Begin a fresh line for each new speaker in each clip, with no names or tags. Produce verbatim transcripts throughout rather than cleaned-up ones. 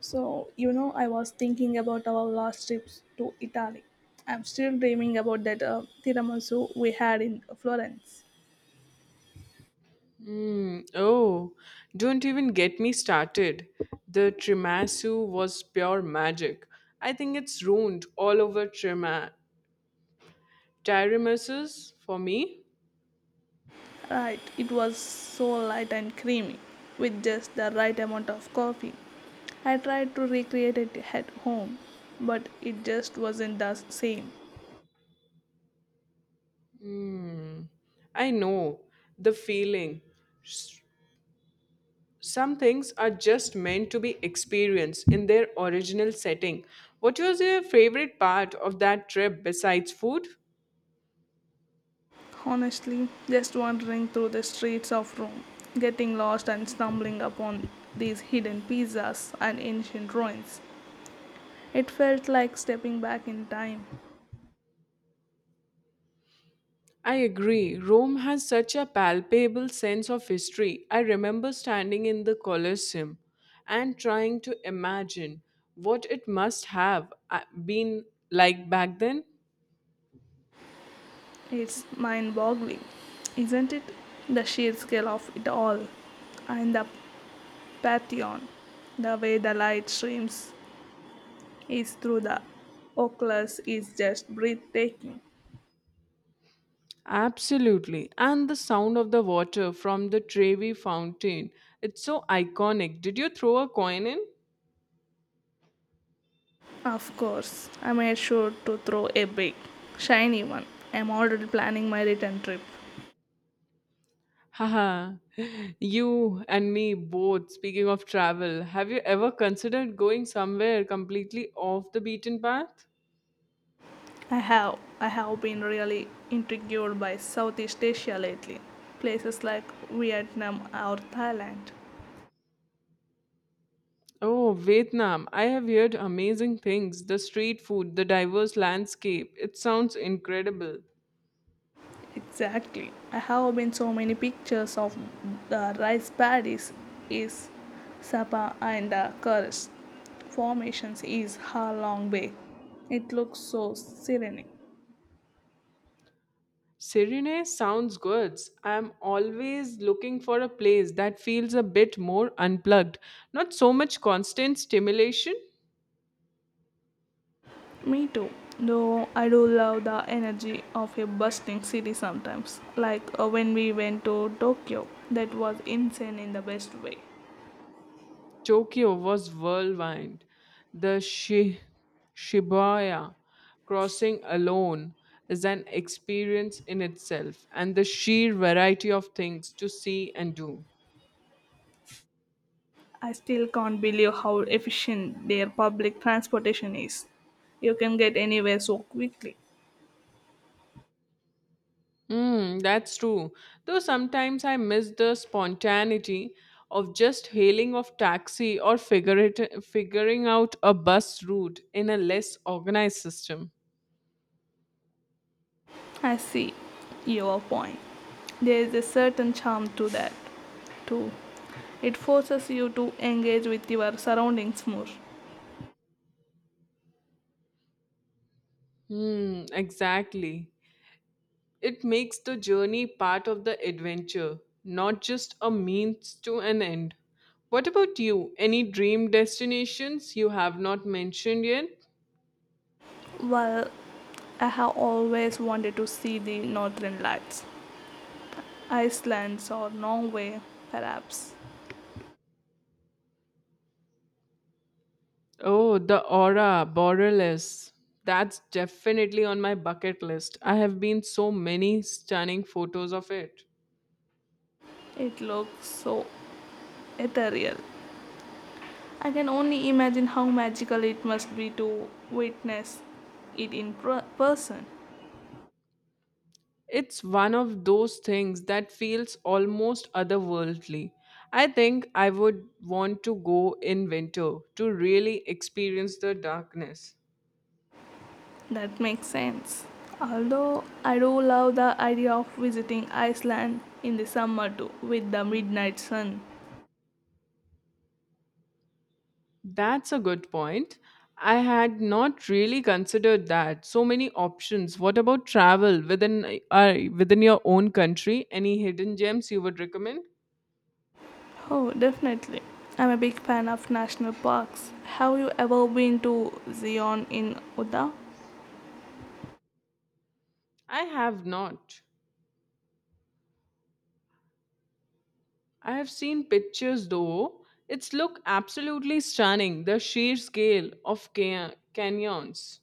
So, you know, I was thinking about our last trips to Italy. I'm still dreaming about that uh, tiramisu we had in Florence.
Oh, don't even get me started. The tiramisu was pure magic. I think it's ruined all over tirama- tiramisus for me.
Right, it was so light and creamy, with just the right amount of coffee. I tried to recreate it at home, but it just wasn't the same.
I know the feeling. S- Some things are just meant to be experienced in their original setting. What was your favorite part of that trip besides food?
Honestly, just wandering through the streets of Rome, getting lost and stumbling upon these hidden pizzas and ancient ruins. It felt like stepping back in time.
I agree. Rome has such a palpable sense of history. I remember standing in the Colosseum and trying to imagine what it must have uh, been like back then.
It's mind boggling, isn't it? The sheer scale of it all. And the Pantheon, the way the light streams is through the oculus is just breathtaking.
Absolutely. And the sound of the water from the Trevi fountain. It's so iconic. Did you throw a coin in?
Of course, I made sure to throw a big, shiny one. I'm already planning my return trip.
Haha. You and me both. Speaking of travel, have you ever considered going somewhere completely off the beaten path?
I have. I have been really intrigued by Southeast Asia lately, places like Vietnam or Thailand.
Oh, Vietnam. I have heard amazing things. The street food, the diverse landscape. It sounds incredible.
Exactly. I have been so many pictures of the rice paddies is Sapa and the Kurus. Formations is her long bay. It looks so serene.
Serene sounds good. I'm always looking for a place that feels a bit more unplugged. Not so much constant stimulation.
Me too. Though I do love the energy of a bustling city sometimes. Like uh, when we went to Tokyo, that was insane in the best way.
Tokyo was whirlwind. The Shi- Shibuya crossing alone is an experience in itself, and the sheer variety of things to see and do.
I still can't believe how efficient their public transportation is. You can get anywhere so quickly.
Mm, that's true. Though sometimes I miss the spontaneity of just hailing of taxi or figure it, figuring out a bus route in a less organized system.
I see your point. There is a certain charm to that, too. It forces you to engage with your surroundings more.
Hmm, exactly. It makes the journey part of the adventure, not just a means to an end. What about you? Any dream destinations you have not mentioned yet?
Well, I have always wanted to see the northern lights, Iceland or Norway, perhaps.
Oh, the aura, borderless. That's definitely on my bucket list. I have been so many stunning photos of it.
It looks so ethereal. I can only imagine how magical it must be to witness it in pr- person.
It's one of those things that feels almost otherworldly. I think I would want to go in winter to really experience the darkness.
That makes sense. Although I do love the idea of visiting Iceland in the summer too with the midnight sun.
That's a good point. I had not really considered that. So many options. What about travel within uh, within your own country? Any hidden gems you would recommend?
Oh, definitely. I'm a big fan of national parks. Have you ever been to Zion in Utah?
I have not. I have seen pictures though. It's look absolutely stunning. The sheer scale of ca- canyons.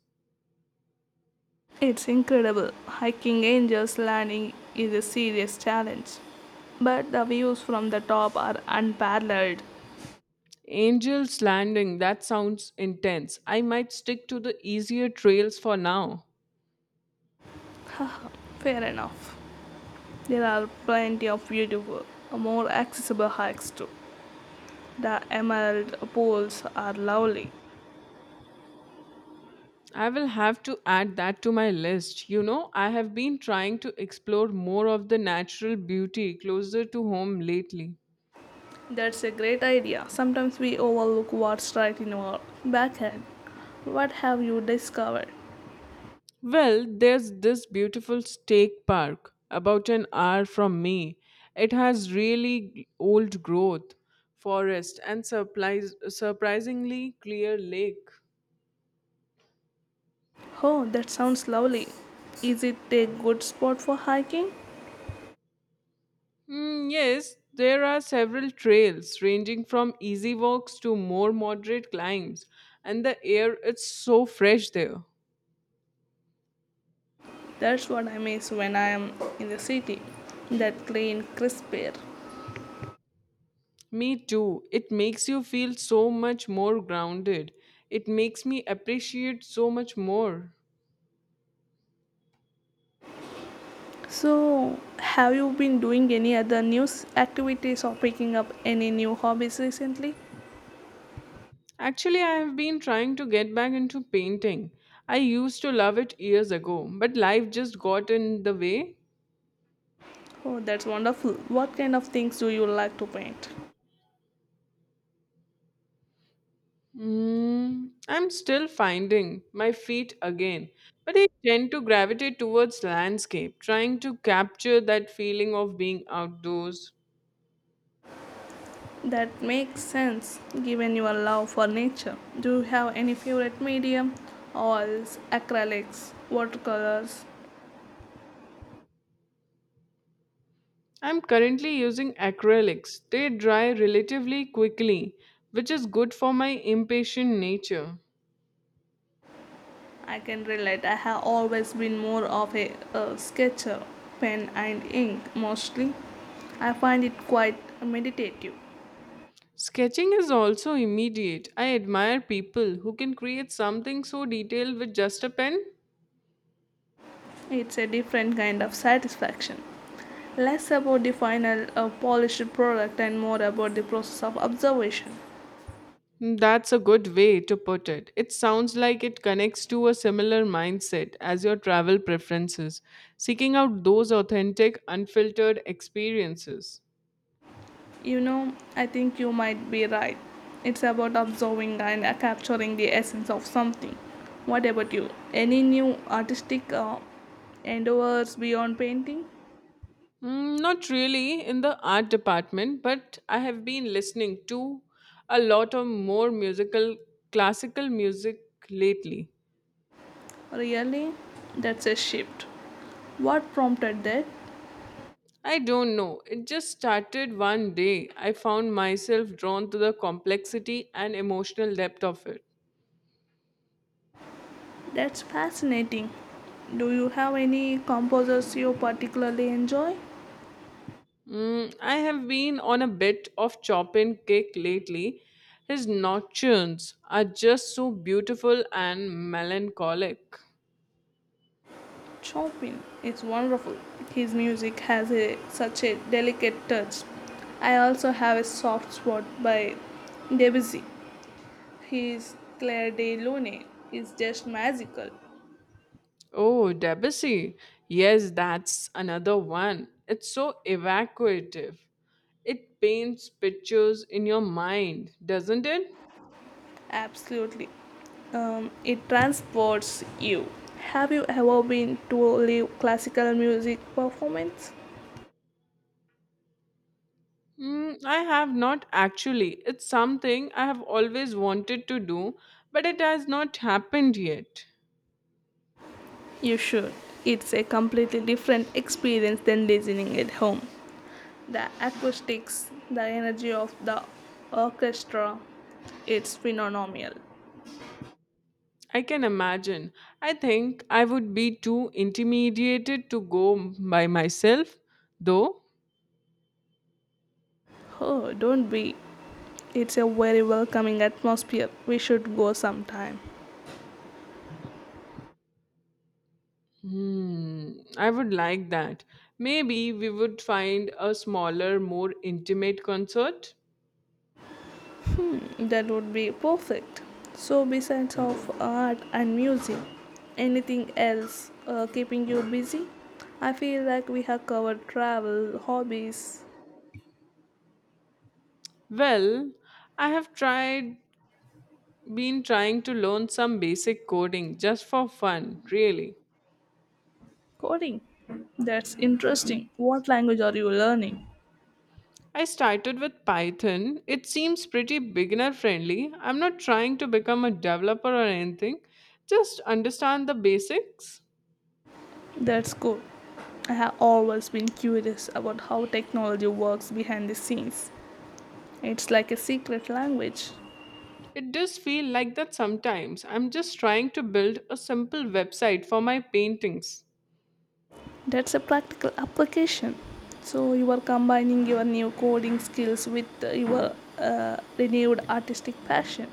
It's incredible. Hiking Angel's Landing is a serious challenge, but the views from the top are unparalleled.
Angel's Landing, that sounds intense. I might stick to the easier trails for now.
Fair enough. There are plenty of beautiful, more accessible hikes too. The emerald pools are lovely.
I will have to add that to my list. You know, I have been trying to explore more of the natural beauty closer to home lately.
That's a great idea. Sometimes we overlook what's right in our backyard. What have you discovered?
Well, there's this beautiful state park about an hour from me. It has really old growth, forest, and surprise, surprisingly clear lake.
Oh, that sounds lovely. Is it a good spot for hiking?
Hmm, yes, there are several trails ranging from easy walks to more moderate climbs, and the air is so fresh there.
That's what I miss when I am in the city. That clean, crisp air.
Me too. It makes you feel so much more grounded. It makes me appreciate so much more.
So, have you been doing any other new activities or picking up any new hobbies recently?
Actually, I have been trying to get back into painting. I used to love it years ago, but life just got in the way.
Oh, that's wonderful. What kind of things do you like to paint?
Mm, I'm still finding my feet again, but I tend to gravitate towards landscape, trying to capture that feeling of being outdoors.
That makes sense given your love for nature. Do you have any favorite medium? Oils, acrylics, watercolors?
I'm currently using acrylics, they dry relatively quickly, which is good for my impatient nature.
I can relate. I have always been more of a, a sketcher, pen and ink mostly. I find it quite meditative.
Sketching is also immediate. I admire people who can create something so detailed with just a pen.
It's a different kind of satisfaction. Less about the final uh, polished product and more about the process of observation.
Hmm, that's a good way to put it. It sounds like it connects to a similar mindset as your travel preferences, seeking out those authentic, unfiltered experiences.
You know, I think you might be right. It's about observing and uh, capturing the essence of something. What about you? Any new artistic uh, endeavors beyond painting?
Mm, not really in the art department, but I have been listening to a lot of more musical, classical music lately.
Really? That's a shift. What prompted that?
I don't know. It just started one day. I found myself drawn to the complexity and emotional depth of it.
That's fascinating. Do you have any composers you particularly enjoy?
Mm, I have been on a bit of chop and kick lately. His nocturnes are just so beautiful and melancholic.
Chopin is wonderful. His music has a, such a delicate touch. I also have a soft spot by Debussy. His Claire de Lune is just magical.
Oh, Debussy. Yes, that's another one. It's so evacuative. It paints pictures in your mind, doesn't it?
Absolutely. Um, it transports you. Have you ever been to a live classical music performance?
Mm, I have not actually. It's something I have always wanted to do, but it has not happened yet.
You should. It's a completely different experience than listening at home. The acoustics, the energy of the orchestra, it's phenomenal.
I can imagine. I think I would be too intimidated to go by myself, though.
Oh, don't be. It's a very welcoming atmosphere. We should go sometime.
Hmm, I would like that. Maybe we would find a smaller, more intimate concert.
That would be perfect. So, besides of art and music, anything else uh, keeping you busy? I feel like we have covered travel, hobbies,
Well, I have tried, been trying to learn some basic coding just for fun, really.
coding. That's interesting. What language are you learning?
I started with Python. It seems pretty beginner friendly. I'm not trying to become a developer or anything, just understand the basics.
That's cool. I have always been curious about how technology works behind the scenes. It's like a secret language.
It does feel like that sometimes. I'm just trying to build a simple website for my paintings.
That's a practical application. So you are combining your new coding skills with uh, your uh, renewed artistic passion.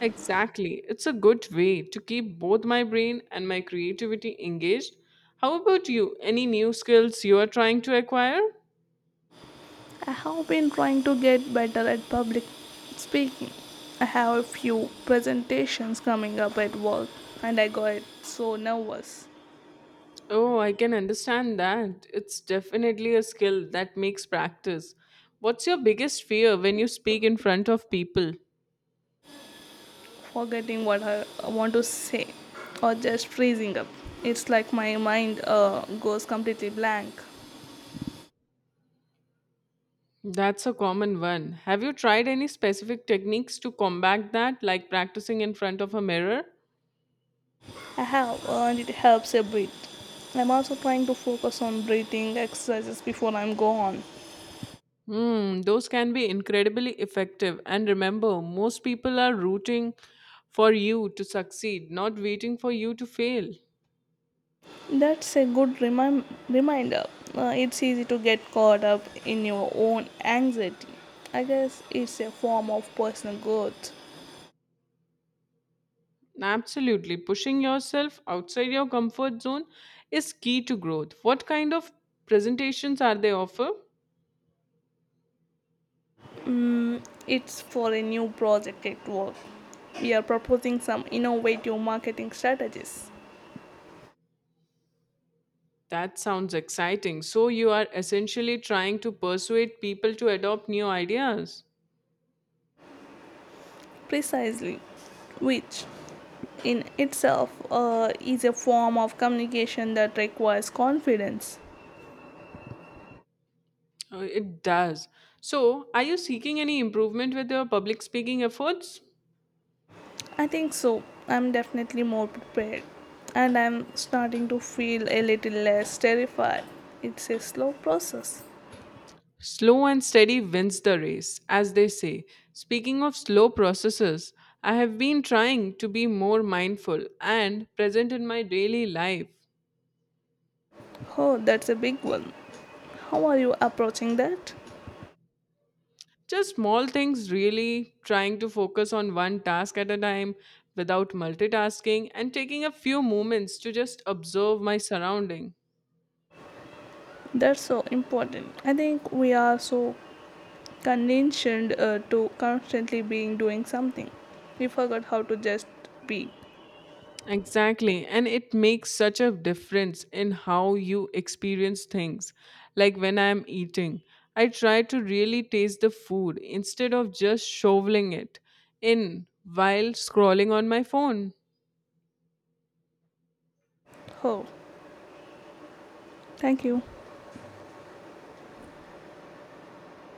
Exactly. It's a good way to keep both my brain and my creativity engaged. How about you? Any new skills you are trying to acquire?
I have been trying to get better at public speaking. I have a few presentations coming up at work and I got so nervous,
Oh, I can understand that. It's definitely a skill that makes practice. What's your biggest fear when you speak in front of people?
forgetting what I I want to say or just freezing up. It's like my mind uh, goes completely blank.
That's a common one. Have you tried any specific techniques to combat that, like practicing in front of a mirror?
I have, and it helps a bit. I'm also trying to focus on breathing exercises before I'm gone.
Hmm, those can be incredibly effective. And remember, most people are rooting for you to succeed, not waiting for you to fail.
That's a good remi- reminder. Uh, it's easy to get caught up in your own anxiety. I guess it's a form of personal growth.
Absolutely. Pushing yourself outside your comfort zone is key to growth. What kind of presentations are they offer?
Mm, it's for a new project at work. We are proposing some innovative marketing strategies.
That sounds exciting. So you are essentially trying to persuade people to adopt new ideas.
Precisely which in itself uh, is a form of communication that requires confidence.
Uh, It does. So, are you seeking any improvement with your public speaking efforts?
I think so. I'm definitely more prepared. And I'm starting to feel a little less terrified. It's a slow process.
Slow and steady wins the race, as they say. Speaking of slow processes, I have been trying to be more mindful and present in my daily life.
Oh, that's a big one. How are you approaching that?
Just small things, really, trying to focus on one task at a time without multitasking and taking a few moments to just observe my surrounding.
That's so important. I think we are so conditioned uh, to constantly being doing something. We forgot how to just be.
Exactly, and it makes such a difference in how you experience things. Like when I am eating, I try to really taste the food instead of just shoveling it in while scrolling on my phone.
Oh, thank you.